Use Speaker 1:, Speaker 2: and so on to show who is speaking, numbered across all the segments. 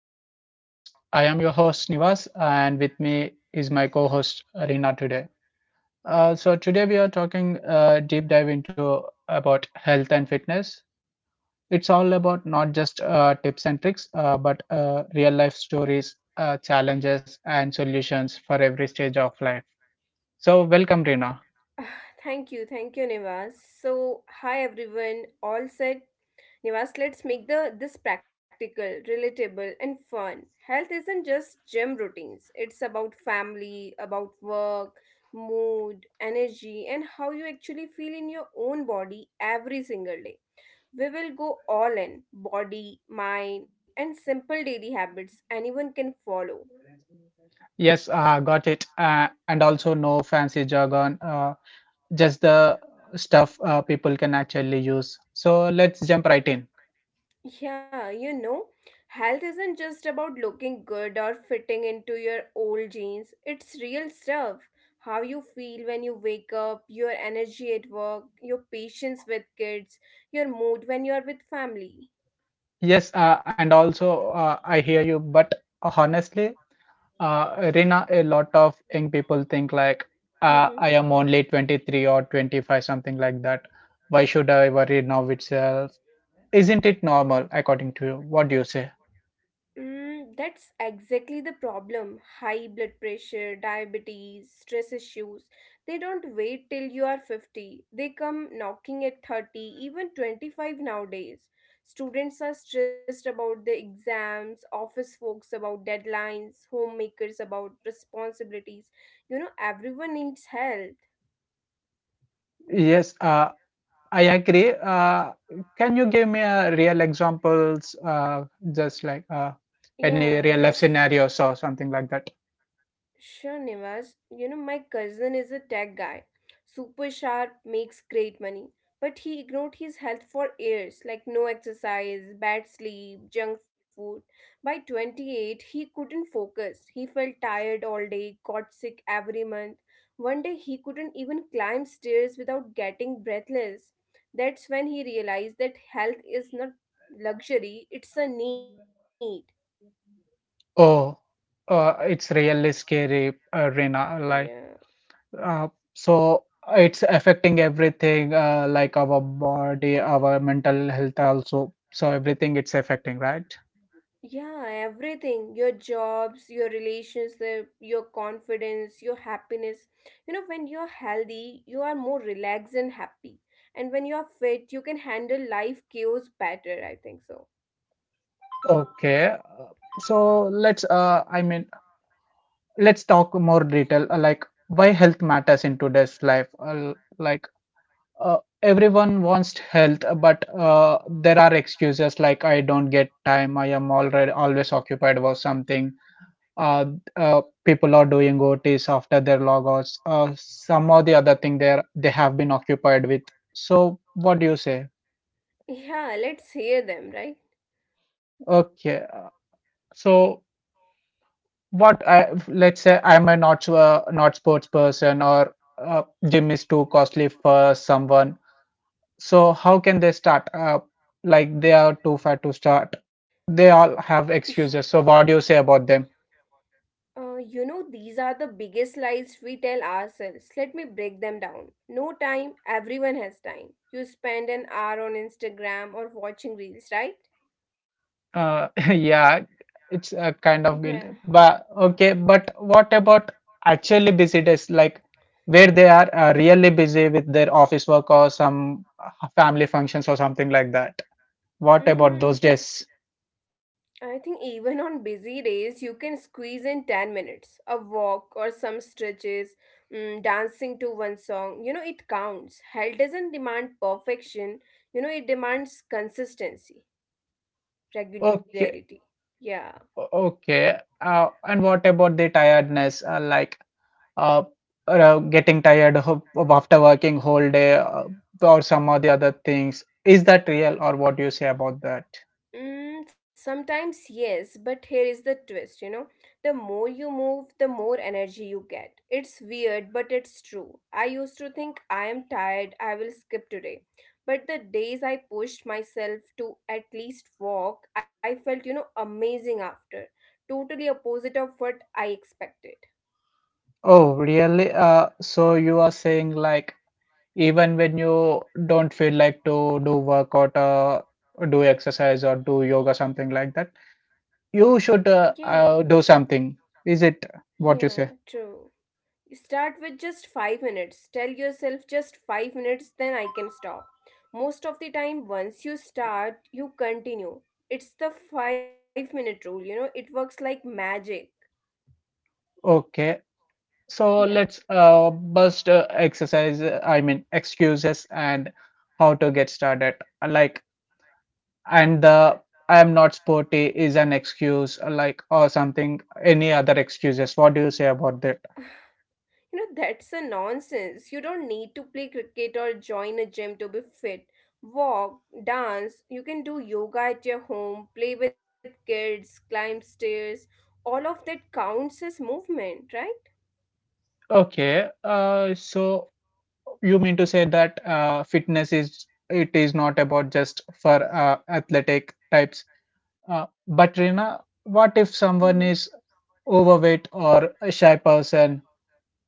Speaker 1: welcome to Life Talks. I am your host Nivas, and with me is my co-host Reena today. So today we are talking deep dive into about health and fitness. It's all about not just tips and tricks, but real life stories, challenges, and solutions for every stage of life. So welcome, Reena.
Speaker 2: Thank you, Nivas. So, hi everyone, all set, Nivas, let's make the this practical, relatable, and fun. Health isn't just gym routines. It's about family, about work, mood, energy, and how you actually feel in your own body every single day. We will go all in body, mind, and simple daily habits anyone can follow.
Speaker 1: Yes, got it. And also no fancy jargon, just the stuff people can actually use. So let's jump right in.
Speaker 2: Yeah, you know, health isn't just about looking good or fitting into your old jeans. It's real stuff. How you feel when you wake up, your energy at work, your patience with kids, your mood when you are with family.
Speaker 1: Yes, and also I hear you, but honestly, Rina, a lot of young people think like I
Speaker 2: Mhm.
Speaker 1: am only 23 or 25, something like that. Why should I worry now itself? Isn't it normal, according to you? What do you say?
Speaker 2: That's exactly the problem. High blood pressure, diabetes, stress issues. They don't wait till you are 50. They come knocking at 30, even 25 nowadays. Students are stressed about the exams, office folks about deadlines, homemakers about responsibilities. You know, everyone needs help.
Speaker 1: Yes, I agree. Can you give me a real examples, just like any
Speaker 2: Yeah,
Speaker 1: real
Speaker 2: yeah.
Speaker 1: life scenarios or something like that?
Speaker 2: Sure, Nivas. You know, my cousin is a tech guy. Super sharp, makes great money. But he ignored his health for years, like no exercise, bad sleep, junk food. By 28, he couldn't focus. He felt tired all day, got sick every month. One day, he couldn't even climb stairs without getting breathless. That's when he realized that health is not luxury, it's a need.
Speaker 1: Oh, it's really scary, Rina. Like,
Speaker 2: Yeah.
Speaker 1: Uh, so it's affecting everything, like our body, our mental health also. So everything it's affecting, right?
Speaker 2: Yeah, everything. Your jobs, your relationship, your confidence, your happiness. You know, when you're healthy, you are more relaxed and happy. And when you're fit, you can handle life chaos better, I think so.
Speaker 1: Okay. So let's, I mean, let's talk more detail, like why health matters in today's life. Everyone wants health, but there are excuses like I don't get time, I am already always occupied with something uh, people are doing OTs after their logouts, some or the other thing there they have been occupied with. So what do you say?
Speaker 2: Yeah, let's hear them, right?
Speaker 1: Okay, so what I let's say I'm a not sure not sports person or gym is too costly for someone. So how can they start? Like they are too fat to start. They all have excuses. So what do you say about them?
Speaker 2: You know, these are the biggest lies we tell ourselves. Let me break them down. No time, everyone has time. You spend an hour on Instagram or watching reels, right?
Speaker 1: Yeah, it's a kind of
Speaker 2: Yeah.
Speaker 1: guilt. But okay, but what about actually busy days, like where they are really busy with their office work or some family functions or something like that? What about those
Speaker 2: Mm,
Speaker 1: days?
Speaker 2: I think even on busy days, you can squeeze in 10 minutes, a walk or some stretches, dancing to one song. You know, it counts. Health doesn't demand perfection, you know, it demands consistency, regularity.
Speaker 1: Okay,
Speaker 2: Yeah.
Speaker 1: o- okay. And what about the tiredness? Uh, getting tired of after working whole day or some of the other things. Is that real or what do you say about that?
Speaker 2: Sometimes yes, but here is the twist, you know. The more you move, the more energy you get. It's weird, but it's true. I used to think I am tired, I will skip today. But the days I pushed myself to at least walk, I felt, you know, amazing after. Totally opposite of what I expected.
Speaker 1: Oh, really? So you are saying like even when you don't feel like to do workout, do exercise or do yoga, something like that, you should
Speaker 2: Yeah.
Speaker 1: do something. Is it what you
Speaker 2: Yeah,
Speaker 1: say?
Speaker 2: true. Start with just 5 minutes. Tell yourself just 5 minutes, then I can stop. Most of the time, once you start, you continue. It's the 5-minute rule, you know, it works like magic.
Speaker 1: Okay. So
Speaker 2: Yeah.
Speaker 1: let's bust exercise. I mean excuses and how to get started. Like and the I am not sporty is an excuse, like or something. Any other excuses? What do you say about that?
Speaker 2: You know, that's a nonsense. You don't need to play cricket or join a gym to be fit. Walk, dance, you can do yoga at your home, play with kids, climb stairs. All of that counts as movement, right?
Speaker 1: Okay, so you mean to say that fitness is it is not about just for athletic types. But Rina, what
Speaker 2: Hmm.
Speaker 1: if someone is overweight or a shy person?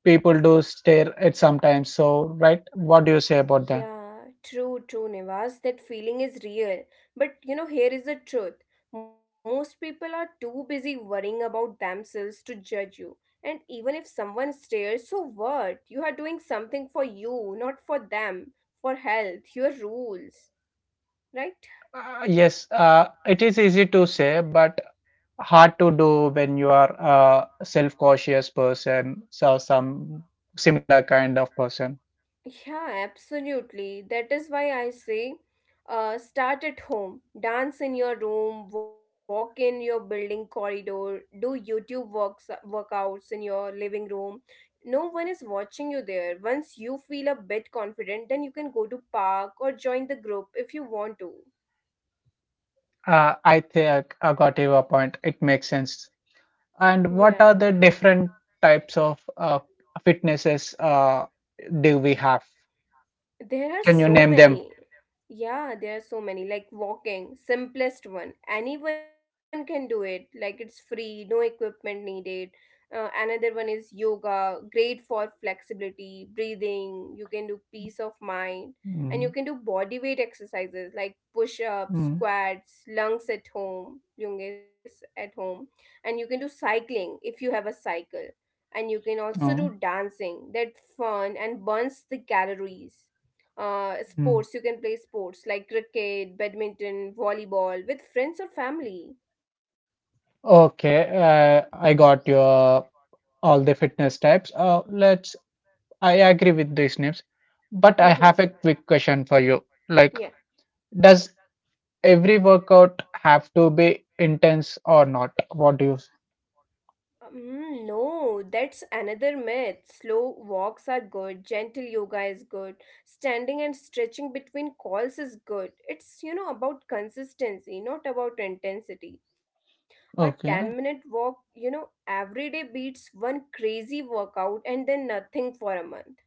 Speaker 1: People do stare at sometimes. So, right, what do you say about that?
Speaker 2: Yeah, true, Nivas. That feeling is real. But you know, here is the truth. Most people are too busy worrying about themselves to judge you. And even if someone stares, so what? You are doing something for you, not for them, for health, your rules, right?
Speaker 1: Yes, it is easy to say, but hard to do when you are a self-cautious person, so some similar kind of person.
Speaker 2: Yeah, absolutely. That is why I say start at home. Dance in your room, walk in your building corridor, do YouTube workouts in your living room. No one is watching you there. Once you feel a bit confident, then you can go to park or join the group if you want to.
Speaker 1: I think I got your point. It makes sense.
Speaker 2: Yeah.
Speaker 1: And what are the different types of fitnesses do we have?
Speaker 2: There are so
Speaker 1: Can you name
Speaker 2: many.
Speaker 1: them?
Speaker 2: Yeah, there are so many. Like walking, simplest one. Anyone can do it. Like it's free, no equipment needed. Another one is yoga, great for flexibility, breathing. You can do peace of mind. And
Speaker 1: Mm,
Speaker 2: you can do body weight exercises like push ups,
Speaker 1: mm,
Speaker 2: squats, lunges at home. And you can do cycling if you have a cycle. And you can also do
Speaker 1: mm,
Speaker 2: dancing. That fun and burns the calories.
Speaker 1: mm.
Speaker 2: Sports, you can play sports like cricket, badminton, volleyball with friends or family.
Speaker 1: Okay, I got your all the fitness types. Let's. I agree with these names, but I have a
Speaker 2: Mm-hmm.
Speaker 1: quick question for you. Like,
Speaker 2: Yeah.
Speaker 1: does every workout have to be intense or not? What do you?
Speaker 2: No, that's another myth. Slow walks are good, gentle yoga is good, standing and stretching between calls is good. It's, you know, about consistency, not about intensity. A
Speaker 1: Okay.
Speaker 2: 10-minute walk, you know, every day beats one crazy workout and then nothing for a month.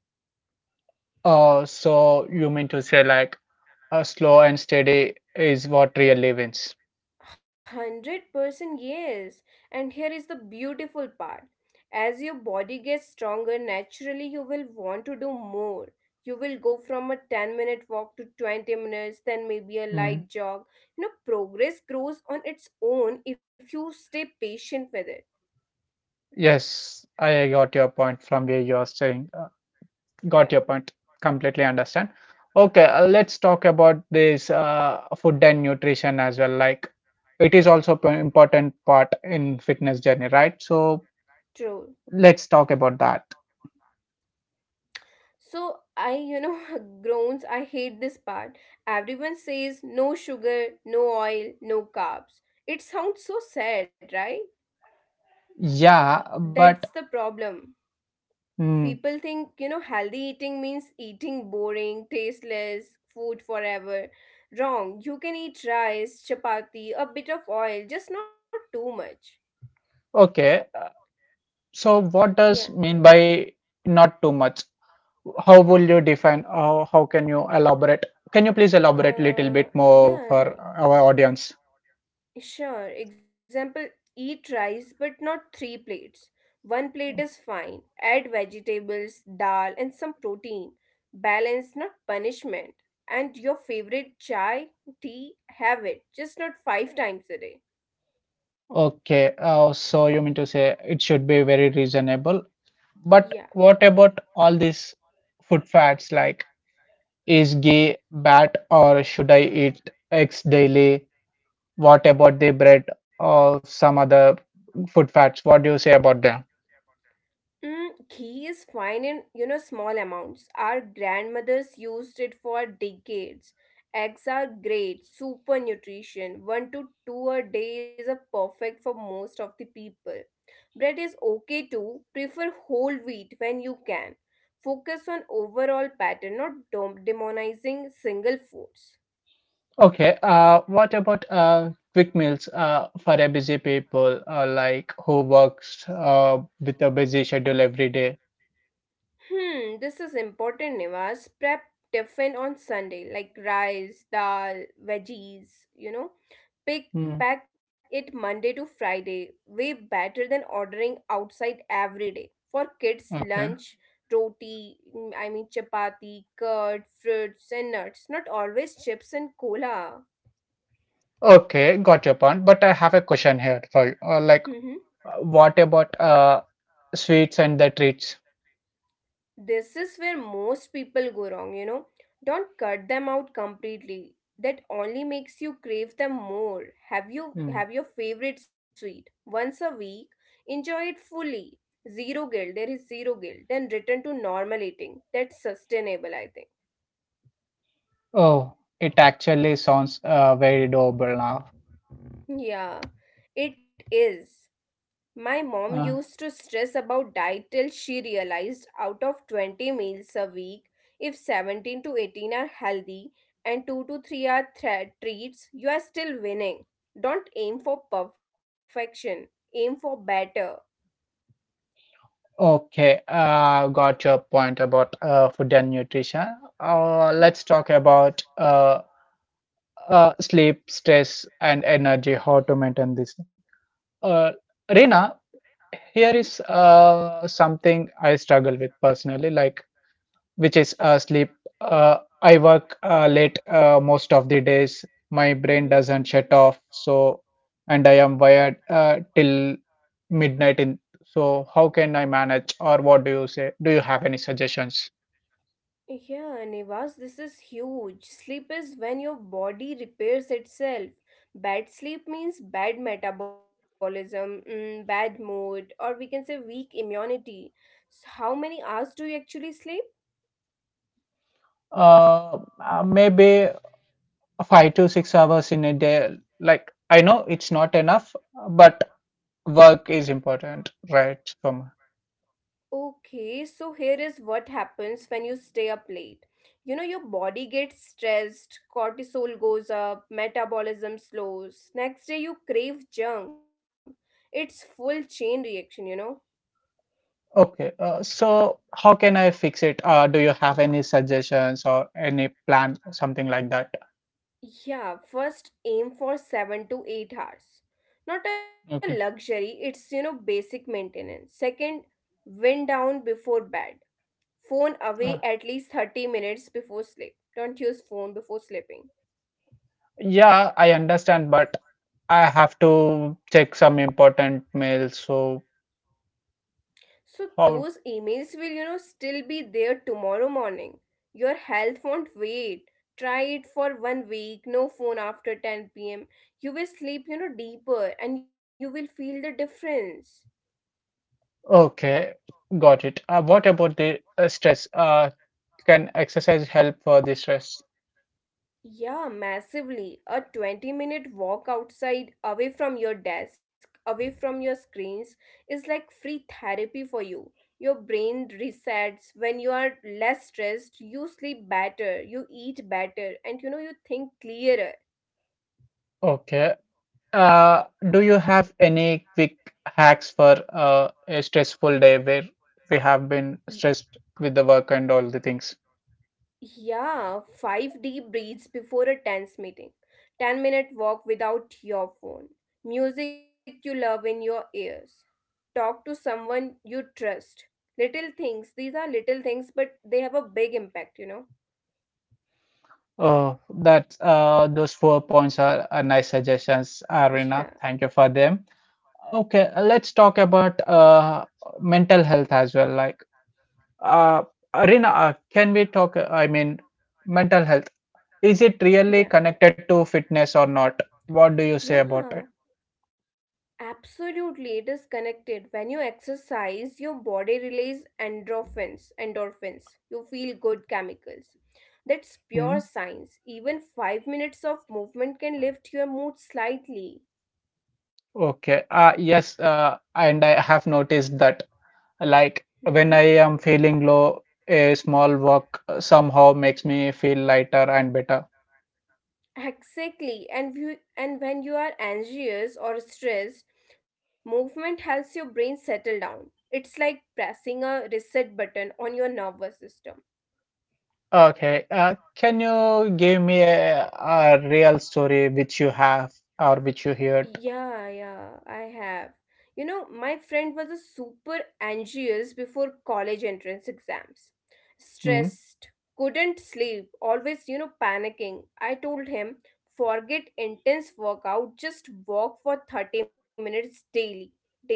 Speaker 1: So you mean to say like slow and steady is what really wins.
Speaker 2: 100% yes. And here is the beautiful part. As your body gets stronger, naturally you will want to do more. You will go from a 10-minute walk to 20 minutes, then maybe a
Speaker 1: Mm.
Speaker 2: light jog. You know, progress grows on its own if you stay patient with it.
Speaker 1: Yes, I got your point from where you're saying. Uh,
Speaker 2: Yeah,
Speaker 1: got your point. Completely understand. Okay, let's talk about this food and nutrition as well. Like, it is also an important part in fitness journey, right? So
Speaker 2: true.
Speaker 1: let's talk about that.
Speaker 2: So I, you know, groans, I hate this part. Everyone says no sugar, no oil, no carbs. It sounds so sad, right?
Speaker 1: Yeah,
Speaker 2: That's
Speaker 1: but
Speaker 2: the problem.
Speaker 1: mm,
Speaker 2: People think, you know, healthy eating means eating boring, tasteless food forever. Wrong. You can eat rice, chapati, a bit of oil, just not too much.
Speaker 1: okay. So what
Speaker 2: Yeah.
Speaker 1: does mean by not too much? How will you define? How can you elaborate? Can you please elaborate little bit
Speaker 2: Uh,
Speaker 1: more
Speaker 2: yeah,
Speaker 1: for our audience?
Speaker 2: sure. Example, eat rice but not three plates. One plate is fine. Add vegetables, dal, and some protein. Balance, not punishment. And your favorite chai, tea, have it, just not five times a day.
Speaker 1: Okay, so you mean to say it should be very reasonable. But
Speaker 2: Yeah.
Speaker 1: what about all these food fads like is ghee bad or should I eat eggs daily? What about the bread or some other food fads? What do you say about them?
Speaker 2: Ghee is fine in you know small amounts. Our grandmothers used it for decades. Eggs are great, super nutrition. One to two a day is a perfect for most of the people. Bread is okay too. Prefer whole wheat when you can. Focus on overall pattern, not demonizing single foods.
Speaker 1: Okay, what about quick meals for a busy people like who works with a busy schedule every day?
Speaker 2: Hmm, this is important, Nivas. Prep tiffin on Sunday, like rice, dal, veggies, you know. Pick
Speaker 1: Hmm.
Speaker 2: pack it Monday to Friday. Way better than ordering outside every day. For kids,
Speaker 1: Okay,
Speaker 2: lunch, roti, chapati, curd, fruits and nuts. Not always chips and cola.
Speaker 1: okay, got your point. But I have a question here for you. Like, what about sweets and the treats?
Speaker 2: This is where most people go wrong, you know. Don't cut them out completely, that only makes you crave them more.
Speaker 1: Hmm.
Speaker 2: Have your favorite sweet once a week, enjoy it fully, zero guilt. There is zero guilt, then return to normal eating. That's sustainable, I think.
Speaker 1: Oh, it actually sounds very doable now.
Speaker 2: Yeah, it is. My mom
Speaker 1: Uh,
Speaker 2: used to stress about diet till she realized out of 20 meals a week, if 17 to 18 are healthy and 2 to 3 are treats, you are still winning. Don't aim for perfection, aim for better.
Speaker 1: okay, got your point about food and nutrition. Let's talk
Speaker 2: Yeah,
Speaker 1: about sleep, stress, and energy, how to maintain this. Uh, Reena,
Speaker 2: yeah.
Speaker 1: here is
Speaker 2: Mm-hmm.
Speaker 1: something I struggle with personally, like which is sleep. I work late most of the days. My brain doesn't shut
Speaker 2: Mm-hmm.
Speaker 1: off, so and I am wired till midnight. In So, how can I manage, or what do you say? Do you have any suggestions?
Speaker 2: Yeah, Nivas, this is huge. Sleep is when your body repairs itself. Bad sleep means bad metabolism, bad mood, or we can say weak immunity. So how many hours do you actually sleep?
Speaker 1: Uh, Maybe 5 to 6 hours in a day. Like, I know it's not enough, but work is important, right? From
Speaker 2: Okay, so here is what happens when you stay up late. You know, your body gets stressed, cortisol goes up, metabolism slows. Next day, you crave junk. It's full chain reaction, you know.
Speaker 1: okay, so how can I fix it? Do you have any suggestions or any plan, something like that?
Speaker 2: Yeah, first aim for 7 to 8 hours. Not a
Speaker 1: Okay.
Speaker 2: luxury, it's you know basic maintenance. Second, wind down before bed. Phone away
Speaker 1: Uh,
Speaker 2: at least 30 minutes before sleep. Don't use phone before sleeping.
Speaker 1: yeah, I understand, but I have to check some important mail. So
Speaker 2: So
Speaker 1: how?
Speaker 2: those emails will you know still be there tomorrow morning. Your health won't wait. Try it for one week, no phone after 10 pm. You will sleep, you know, deeper and you will feel the difference.
Speaker 1: Okay, got it. What about the stress? Can exercise help for the stress?
Speaker 2: Yeah, massively. A 20-minute walk outside, away from your desk, away from your screens, is like free therapy for you. Your brain resets. When you are less stressed, you sleep better, you eat better, and you know, you think clearer.
Speaker 1: Okay. Uh, do you have any quick hacks for a stressful day where we have been stressed with the work and all the things?
Speaker 2: Yeah, five deep breaths before a tense meeting, 10-minute walk without your phone, music you love in your ears, talk to someone you trust. These are little things, but they have a big impact, you know?
Speaker 1: Oh, that those four points are nice suggestions, Arina. Thank you
Speaker 2: Yeah,
Speaker 1: for them. Okay, let's talk about mental health as well. Like, uh, Arina, can we talk? I mean, mental health. Is it really
Speaker 2: yeah,
Speaker 1: connected to fitness or not? What do you say about
Speaker 2: yeah. Absolutely, it is connected. When you exercise, your body releases endorphins. You feel good chemicals. That's
Speaker 1: it?
Speaker 2: pure science. Even 5 minutes of movement can lift your mood slightly.
Speaker 1: Okay. Yes, and I have noticed that like
Speaker 2: Mhm.
Speaker 1: when I am feeling low, a small walk somehow makes me feel lighter and better.
Speaker 2: Exactly. And when you are anxious or stressed, movement helps your brain settle down. It's like pressing a reset button on your nervous system.
Speaker 1: Okay. Can you give me a real story which you have or which you heard?
Speaker 2: Yeah, yeah, I have. You know, my friend was a super anxious before college entrance exams.
Speaker 1: Mm,
Speaker 2: Stressed, couldn't sleep, always, you know, panicking. I told him, forget intense workout, just walk for 30 minutes daily.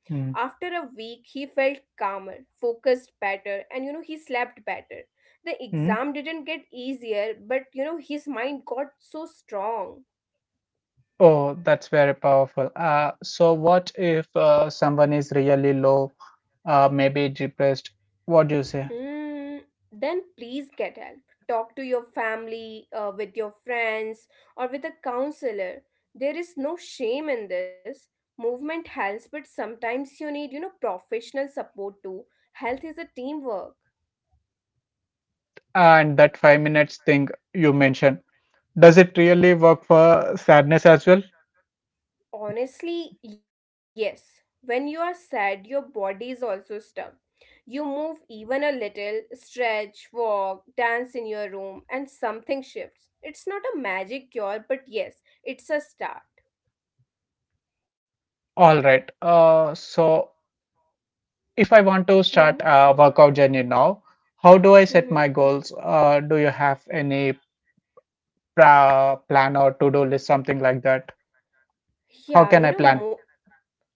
Speaker 2: After
Speaker 1: mm,
Speaker 2: a week, he felt calmer, focused better, and you know, he slept better. The
Speaker 1: mm.
Speaker 2: exam didn't get easier, but you know, his mind got so strong.
Speaker 1: Oh, that's very powerful. So what if someone is really low, maybe depressed? What do you say?
Speaker 2: Mm, then please get help. Talk to your family, with your friends, or with a counselor. There is no shame in this. Movement helps, but sometimes you need, you know, professional support too. Health is a teamwork.
Speaker 1: And that 5 minutes thing you mentioned. Does it really work for sadness as well?
Speaker 2: Honestly, yes. When you are sad, your body is also stuck. You move even a little, stretch, walk, dance in your room, and something shifts. It's not a magic cure, but yes, it's a start.
Speaker 1: All right. So if I want to start
Speaker 2: Hmm.
Speaker 1: a workout journey now, how do I set
Speaker 2: Hmm.
Speaker 1: my goals? Do you have any pra plan or to-do list, something like that? How
Speaker 2: Yeah,
Speaker 1: can I
Speaker 2: you know,
Speaker 1: plan?
Speaker 2: mo-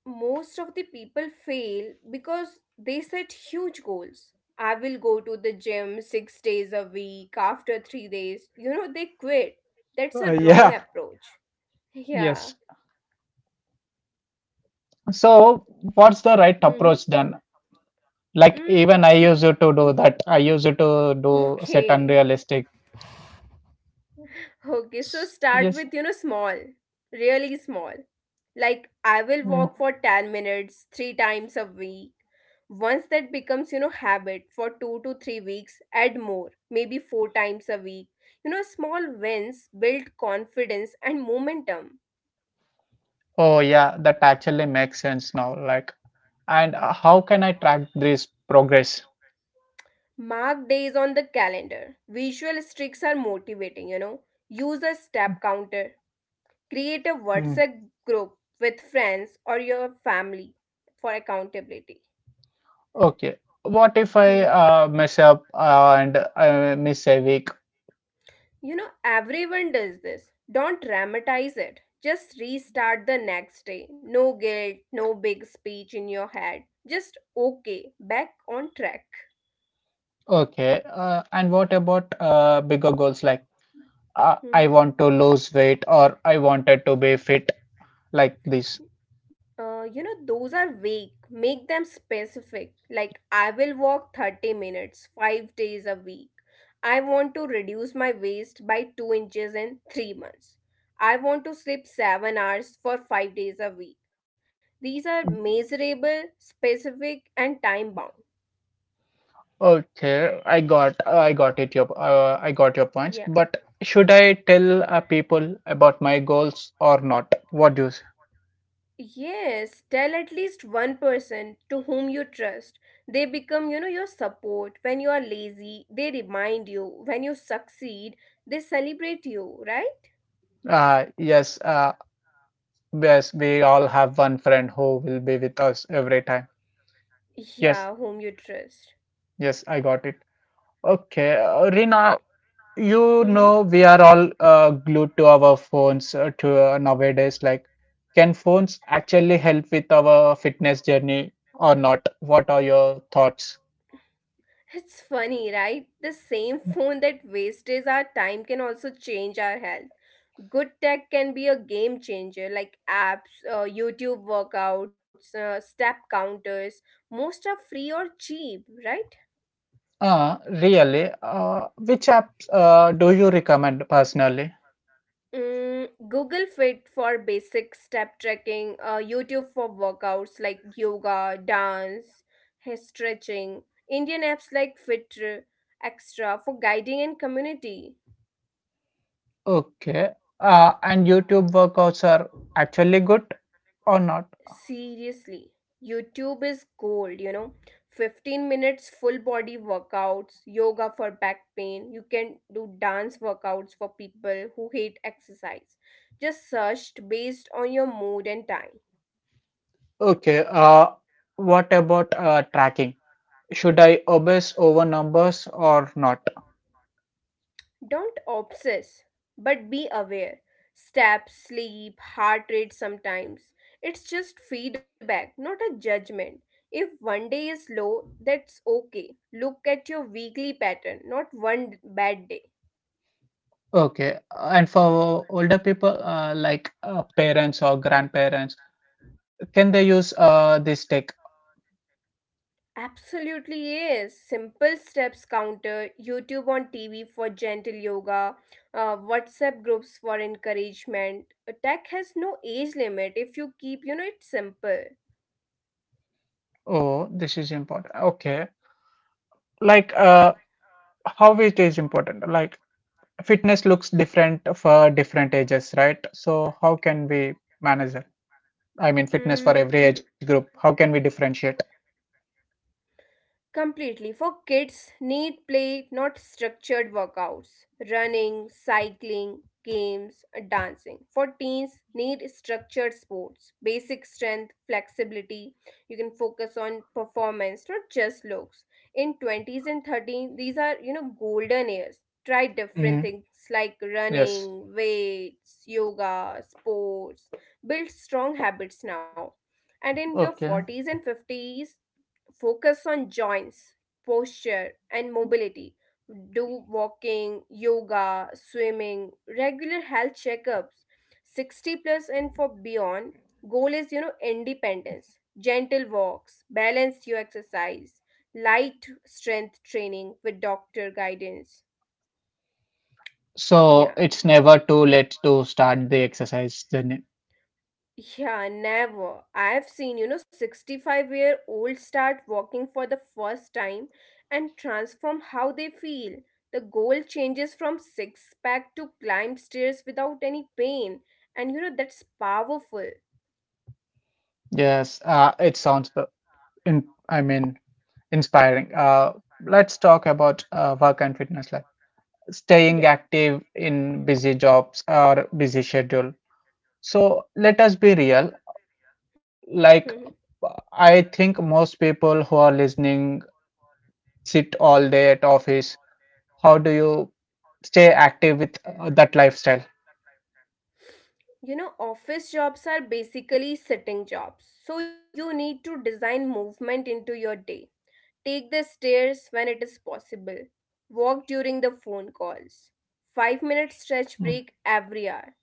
Speaker 2: most of the people fail because they set huge goals. I will go to the gym 6 days a week. After three days, you know, they quit. That's
Speaker 1: Uh,
Speaker 2: a wrong
Speaker 1: yeah.
Speaker 2: approach.
Speaker 1: Yes.
Speaker 2: Yeah.
Speaker 1: So what's the right
Speaker 2: Mm-hmm.
Speaker 1: approach then? Like
Speaker 2: Mm,
Speaker 1: even I
Speaker 2: sm-
Speaker 1: used to do that. I used to do set
Speaker 2: okay.
Speaker 1: unrealistic.
Speaker 2: Okay. So start
Speaker 1: Yes.
Speaker 2: with, you know, small, really small. Like, I will
Speaker 1: Yeah.
Speaker 2: walk for 10 minutes three times a week. Once that becomes, you know, habit for 2 to 3 weeks, add more, maybe four times a week. Small wins build confidence and momentum.
Speaker 1: Oh yeah, that actually makes sense now. Like and how can I track this progress?
Speaker 2: Mark days on the calendar. Visual streaks are motivating. Use a step counter. Create a
Speaker 1: Hmm.
Speaker 2: WhatsApp group with friends or your family for accountability.
Speaker 1: Okay. What if I
Speaker 2: Mhm.
Speaker 1: mess up and I miss a week?
Speaker 2: You know, everyone does this. Don't dramatize it. Just restart the next day. No guilt, no big speech in your head. Just okay, back on track.
Speaker 1: Okay. And what about bigger goals like I want to lose weight or I wanted to be fit like this?
Speaker 2: You know, those are vague. Make them specific. Like, I will walk 30 minutes, 5 days a week. I want to reduce my waist by 2 inches in 3 months. I want to sleep 7 hours for 5 days a week. These are measurable, specific, and time bound.
Speaker 1: Okay, I got your points.
Speaker 2: Yeah.
Speaker 1: But should I tell people about my goals or not? What do you? s-
Speaker 2: Yes, tell at least one person to whom you trust. They become, you know, your support. When you are lazy, they remind you. When you succeed, they celebrate you, right?
Speaker 1: Uh, yes. Yes, we all have one friend who will be with us every time.
Speaker 2: Yeah,
Speaker 1: Yes,
Speaker 2: whom you trust.
Speaker 1: yes, I got it. Okay, Rina, you
Speaker 2: Mhm.
Speaker 1: know we are all glued to our phones to nowadays. Like, can phones actually help with our fitness journey or not? What are your thoughts?
Speaker 2: It's funny, right? The same phone that wastes our time can also change our health. Good tech can be a game changer, like apps, YouTube workouts, step counters. Most are free or cheap, right?
Speaker 1: Really, which apps do you recommend personally?
Speaker 2: Mm, Google Fit for basic step tracking, YouTube for workouts like yoga, dance, hair stretching, Indian apps like Fit Extra for guiding and community.
Speaker 1: Okay, and YouTube workouts are actually good or not?
Speaker 2: Seriously, YouTube is gold, you know. 15 minutes full body workouts, yoga for back pain. You can do dance workouts for people who hate exercise. Just searched based on your mood and time.
Speaker 1: Okay, what about tracking? Should I obsess over numbers or not?
Speaker 2: Don't obsess, but be aware. Step, sleep, heart rate sometimes. It's just feedback, not a judgment. If one day is low, that's okay. Look at your weekly pattern, not one bad day.
Speaker 1: Okay, and for older people like parents or grandparents, can they use this tech?
Speaker 2: Absolutely yes. Simple steps counter, YouTube on TV for gentle yoga, WhatsApp groups for encouragement. Tech has no age limit if you keep, you know, it simple.
Speaker 1: Oh, this is important. Okay, like how it is important? Like fitness looks different for different ages, right? So how can we manage it? I mean, fitness for
Speaker 2: Mm,
Speaker 1: every age group. How can we differentiate?
Speaker 2: completely. For kids, need play, not structured workouts. Running, cycling, games, dancing. For teens, need structured sports, basic strength, flexibility. You can focus on performance, not just looks. In 20s and thirties, these are, you know, golden years. Try different
Speaker 1: Mm,
Speaker 2: things like
Speaker 1: yes.
Speaker 2: running, weights, yoga, sports. Build strong habits now, and in your
Speaker 1: Okay.
Speaker 2: 40s and 50s focus on joints, posture, and mobility. Do walking, yoga, swimming, regular health checkups. 60 plus and for beyond, goal is, you know, independence, gentle walks, balanced your exercise, light strength training with doctor guidance.
Speaker 1: So
Speaker 2: Yeah.
Speaker 1: it's never too late to start the exercise journey.
Speaker 2: Yeah, never. I've seen, you know, 65-year-old start walking for the first time and transform how they feel. The goal changes from six-pack to climb stairs without any pain. And, you know, that's powerful.
Speaker 1: Yes, it sounds, I mean, inspiring. Let's talk about work and fitness life.
Speaker 2: Yeah.
Speaker 1: Staying active in busy jobs or busy schedule. So let us be real.
Speaker 2: Mhm.
Speaker 1: Like, I think most people who are listening sit all day at office. How do you stay active with that lifestyle?
Speaker 2: You know, office jobs are basically sitting jobs. So you need to design movement into your day. Take the stairs when it is possible. Walk during the phone calls. 5-minute stretch
Speaker 1: Mm.
Speaker 2: break every hour,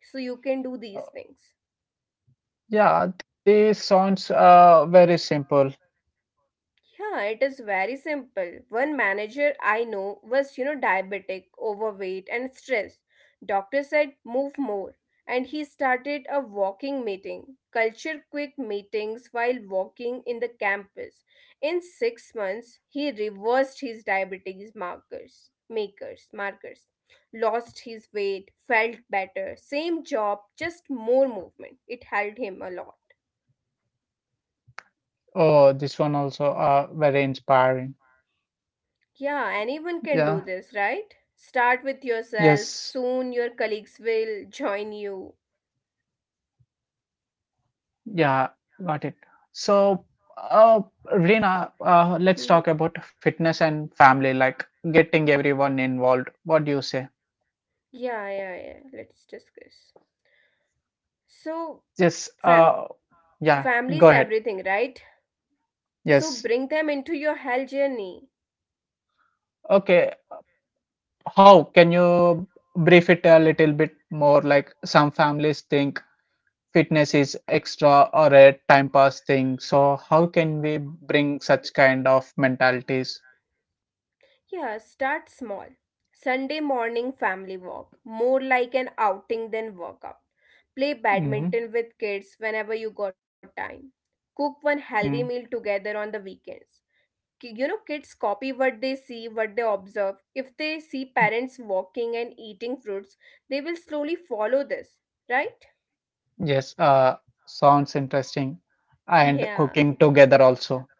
Speaker 2: so you can do these
Speaker 1: Uh,
Speaker 2: things.
Speaker 1: Yeah, this sounds very simple.
Speaker 2: Yeah, it is very simple. One manager I know was, you know, diabetic, overweight, and stressed. Doctor said, move more. And he started a walking meeting, culture quick meetings while walking in the campus. In 6 months, he reversed his diabetes markers, lost his weight, felt better, same job, just more movement. It helped him a lot.
Speaker 1: Oh, this one also very inspiring.
Speaker 2: Yeah, anyone can do
Speaker 1: Yeah.
Speaker 2: this, right? Start with yourself.
Speaker 1: Yes.
Speaker 2: Soon your colleagues will join you.
Speaker 1: Yeah. Got it. So, uh, Reena, let's
Speaker 2: Hmm?
Speaker 1: talk about fitness and family, like getting everyone involved. What do you say?
Speaker 2: Yeah, yeah, yeah. Let's discuss. So,
Speaker 1: Yes.
Speaker 2: fa-
Speaker 1: Yeah.
Speaker 2: family is
Speaker 1: Go ahead.
Speaker 2: everything, right? So,
Speaker 1: Yes.
Speaker 2: bring them into your health journey.
Speaker 1: Okay. How can you brief it a little bit more? Like some families think fitness is extra or a time pass thing. So, how can we bring such kind of mentalities?
Speaker 2: Yeah, start small. Sunday morning family walk, more like an outing than workout. Play
Speaker 1: Mm-hmm.
Speaker 2: badminton with kids whenever you got time. Cook one healthy
Speaker 1: Mm,
Speaker 2: meal together on the weekends. You know, kids copy what they see, what they observe. If they see parents walking and eating fruits, they will slowly follow this, right?
Speaker 1: yes, sounds interesting. And
Speaker 2: Yeah,
Speaker 1: cooking together also.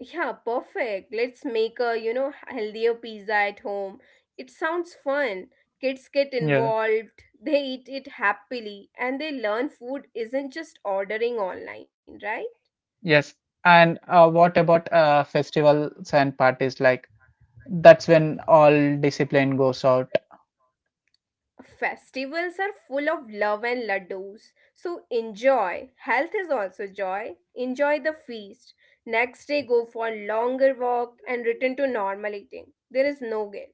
Speaker 2: yeah, perfect. Let's make a, you know, healthier pizza at home. It sounds fun. Kids get
Speaker 1: Yeah,
Speaker 2: involved, they eat it happily, and they learn food isn't just ordering online, right?
Speaker 1: yes. And what about festivals and parties? Like, that's when all discipline goes out.
Speaker 2: Festivals are full of love and ladoos, so enjoy. Health is also joy. Enjoy the feast. Next day, go for a longer walk and return to normal eating. There is no guilt.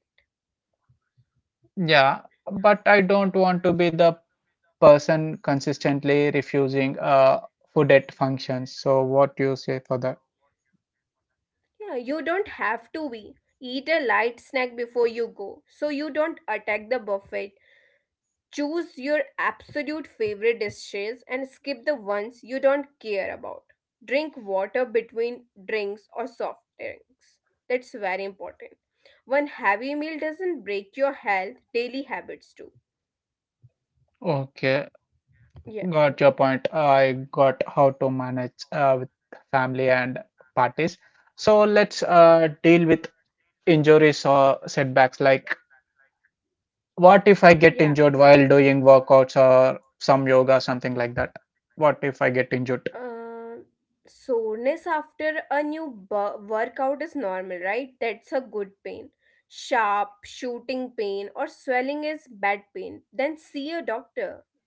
Speaker 1: Yeah, but I don't want to be the person consistently refusing food at functions. So, what do you say for that?
Speaker 2: Yeah, you don't have to be. Eat a light snack before you go so you don't attack the buffet. Choose your absolute favorite dishes and skip the ones you don't care about. Drink water between drinks or soft drinks. That's very important. One heavy meal doesn't break your health, daily habits do.
Speaker 1: Okay,
Speaker 2: Yeah,
Speaker 1: got your point. I got how to manage with family and parties. So let's deal with injuries or setbacks. Like, what if I get
Speaker 2: yeah.
Speaker 1: injured while doing workouts or some yoga, something like that? What if I get injured?
Speaker 2: Uh, Soreness after a workout is normal, right? That's a good pain. Sharp, shooting pain, or swelling is bad pain. Then see a doctor.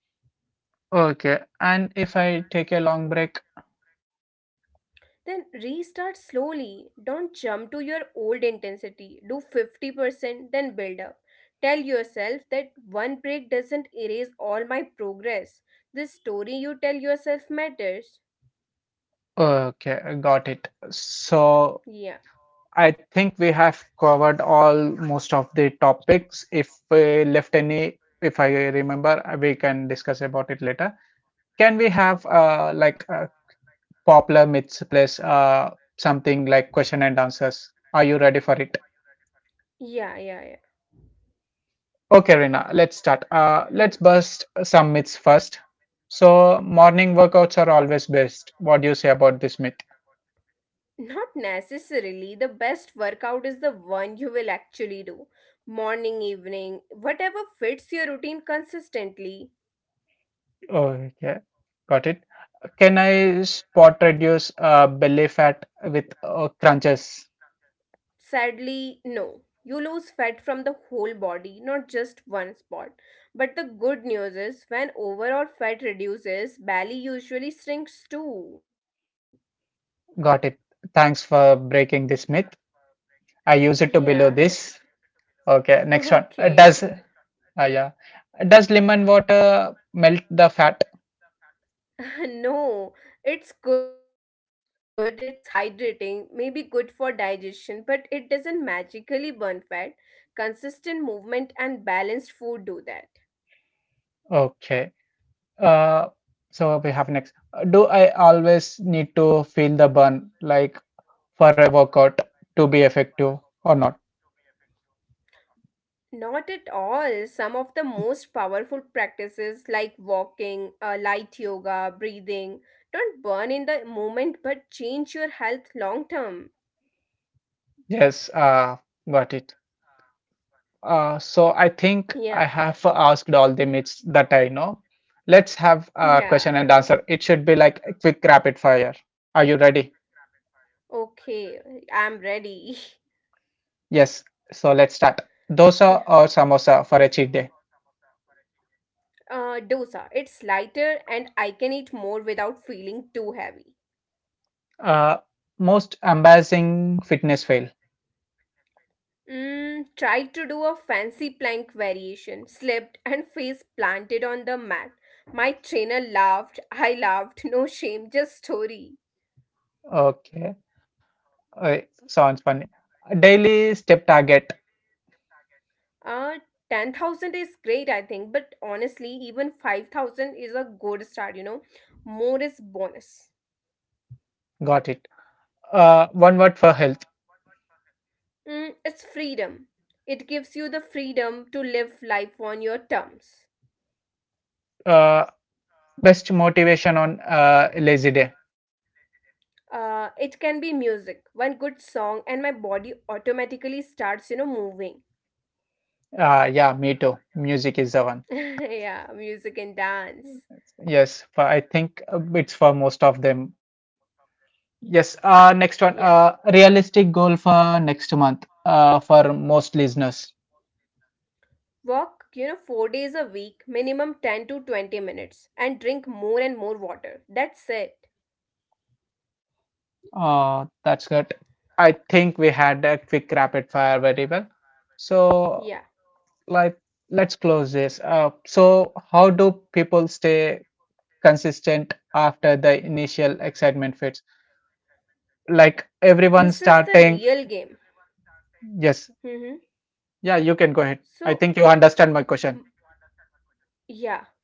Speaker 1: Okay. And if I take a long break?
Speaker 2: Then restart slowly. Don't jump to your old intensity. Do 50%, then build up. Tell yourself that one break doesn't erase all my progress. This story you tell yourself matters.
Speaker 1: Okay, got it. So
Speaker 2: Yeah,
Speaker 1: I think we have covered all most of the topics. If we left any, if I remember, we can discuss about it later. Can we have like a popular myths plus something like question and answers? Are you ready for it?
Speaker 2: yeah, yeah, yeah.
Speaker 1: Okay, Rina, let's start. Let's
Speaker 2: Hmm.
Speaker 1: bust some myths first. So, morning workouts are always best. What do you say about this myth?
Speaker 2: Not necessarily. The best workout is the one you will actually do. Morning, evening, whatever fits your routine consistently.
Speaker 1: Oh, yeah, got it. Can I spot reduce belly fat with crunches?
Speaker 2: Sadly, no. You lose fat from the whole body, not just one spot. But the good news is, when overall fat reduces, belly usually shrinks too.
Speaker 1: Got it. Thanks for breaking this myth. I use it to
Speaker 2: Yeah,
Speaker 1: below this. Okay, next one.
Speaker 2: okay.
Speaker 1: Does yeah, does lemon water melt the fat?
Speaker 2: No, it's good, it's hydrating, maybe good for digestion, but it doesn't magically burn fat. Consistent movement and balanced food do that.
Speaker 1: Okay. Uh, so we have next. Do I always need to feel the burn, like for a workout, to be effective or not?
Speaker 2: Not at all. Some of the most powerful practices like walking, light yoga, breathing don't burn in the moment but change your health long term.
Speaker 1: Yes, got it. So I think I
Speaker 2: Yeah.
Speaker 1: have asked all the myths
Speaker 2: Hmm.
Speaker 1: that I know. Let's have a question and
Speaker 2: Yeah.
Speaker 1: answer. It should be like a quick rapid fire. Are you ready?
Speaker 2: Okay. I'm ready.
Speaker 1: Yes. So let's start.
Speaker 2: Yeah.
Speaker 1: Dosa or samosa for
Speaker 2: Okay.
Speaker 1: a cheat day?
Speaker 2: Dosa. It's lighter and I can eat more without feeling too heavy.
Speaker 1: Uh, Most embarrassing fitness fail.
Speaker 2: Mm, tried to do a fancy plank variation, slipped and face planted on the mat. My trainer laughed, I laughed, no shame, just story.
Speaker 1: Okay. Uh, Sounds funny. Daily step target.
Speaker 2: Uh, 10,000 is great, I think, but honestly, even 5,000 is a good start, you know. More is bonus.
Speaker 1: Got it. One word for health.
Speaker 2: Mm, it's freedom. It gives you the freedom to live life on your terms.
Speaker 1: Uh, Best motivation on lazy day.
Speaker 2: It can be music, one good song, and my body automatically starts, you know, moving.
Speaker 1: Yeah, me too. Music is the one.
Speaker 2: Yeah, music and dance.
Speaker 1: Yes, for, I think it's for most of them. Yes. Next one.
Speaker 2: Yeah.
Speaker 1: Realistic goal for next month. For most listeners.
Speaker 2: Walk, you know, 4 days a week, minimum 10 to 20 minutes, and drink more and more water. That's it.
Speaker 1: That's good. I think we had a quick rapid fire very well. So,
Speaker 2: Yeah.
Speaker 1: like, let's close this up. So, how do people stay consistent after the initial excitement fades? Like
Speaker 2: This
Speaker 1: everyone
Speaker 2: is the real
Speaker 1: starting,
Speaker 2: game.
Speaker 1: yes,
Speaker 2: Mm-hmm.
Speaker 1: yeah, you can go ahead. I
Speaker 2: So,
Speaker 1: think you understand my question.
Speaker 2: m- yeah,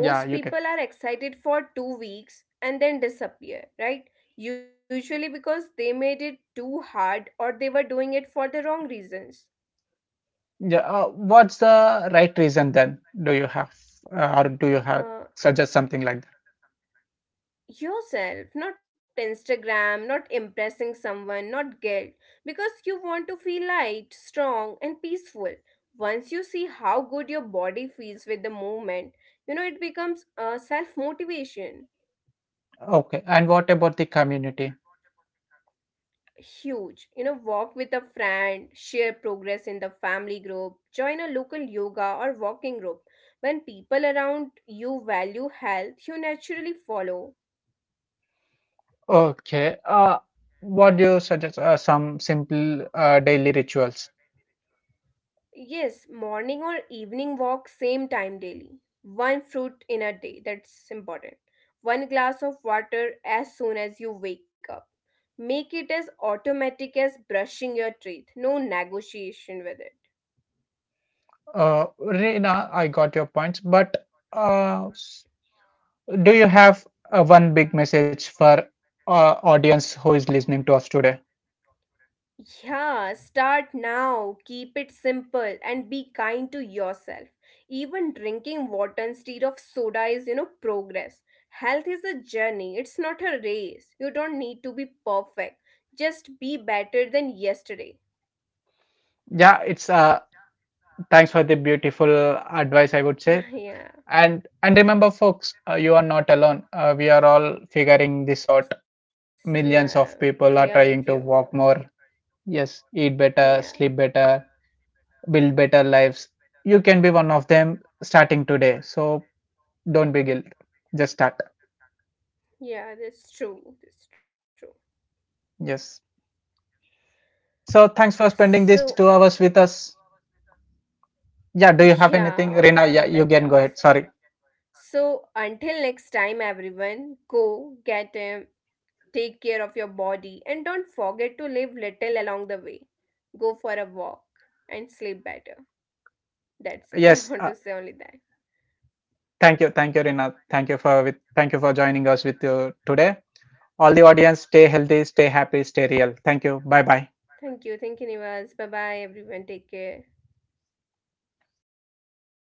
Speaker 1: Yeah, you
Speaker 2: most
Speaker 1: can.
Speaker 2: people are excited for 2 weeks and then disappear, right? Usually because they made it too hard or they were doing it for the wrong reasons.
Speaker 1: Yeah, what's the right reason then? Do you have uh, or do you have
Speaker 2: Uh,
Speaker 1: suggest something like
Speaker 2: Yourself, not Instagram, not impressing someone, not guilt, because you want to feel light, strong, and peaceful. Once you see how good your body feels with the movement, you know, it becomes a self motivation.
Speaker 1: that? Okay, and what about the community?
Speaker 2: Huge. You know, walk with a friend, share progress in the family group, join a local yoga or walking group. When people around you value health, you naturally follow.
Speaker 1: Okay, what do you suggest? Some simple daily rituals.
Speaker 2: Yes, morning or evening walk, same time daily. One fruit in a day, that's important. One glass of water as soon as you wake up. Make it as automatic as brushing your teeth. No negotiation with it.
Speaker 1: Reena, I got your points, but uh, s- do you have one big message for audience who is listening to us today?
Speaker 2: Yeah, start now. Keep it simple and be kind to yourself. Even drinking water instead of soda is, you know, progress. Health is a journey, it's not a race. You don't need to be perfect. Just be better than yesterday.
Speaker 1: Yeah, it's thanks for the beautiful advice, I would say.
Speaker 2: Yeah.
Speaker 1: And remember, folks, you are not alone. We are all figuring this out. Millions
Speaker 2: Yeah,
Speaker 1: of
Speaker 2: we are
Speaker 1: people are
Speaker 2: with
Speaker 1: trying
Speaker 2: you.
Speaker 1: to walk more. Yes, eat better,
Speaker 2: Yeah.
Speaker 1: sleep better, build better lives. You can be one of them starting today. So don't be guilt. Just start.
Speaker 2: Yeah, that's true. That's true.
Speaker 1: Yes. So thanks for spending these
Speaker 2: So,
Speaker 1: 2 hours with us. Yeah. Do you have anything,
Speaker 2: yeah,
Speaker 1: Rina? Yeah,
Speaker 2: on
Speaker 1: you
Speaker 2: live
Speaker 1: can go
Speaker 2: talks.
Speaker 1: ahead. Sorry.
Speaker 2: So, until next time, everyone, go get him, take care of your body, and don't forget to live little along the way. Go for a walk and sleep better. That's it. I
Speaker 1: Yes.
Speaker 2: want to say only that.
Speaker 1: Thank you. Thank you, Rina. Thank you for with. Thank you for joining us with you today. All the audience, stay healthy, stay happy, stay real. Thank you. Bye bye.
Speaker 2: Thank you. Thank you, Nivas. Bye bye, everyone. Take care.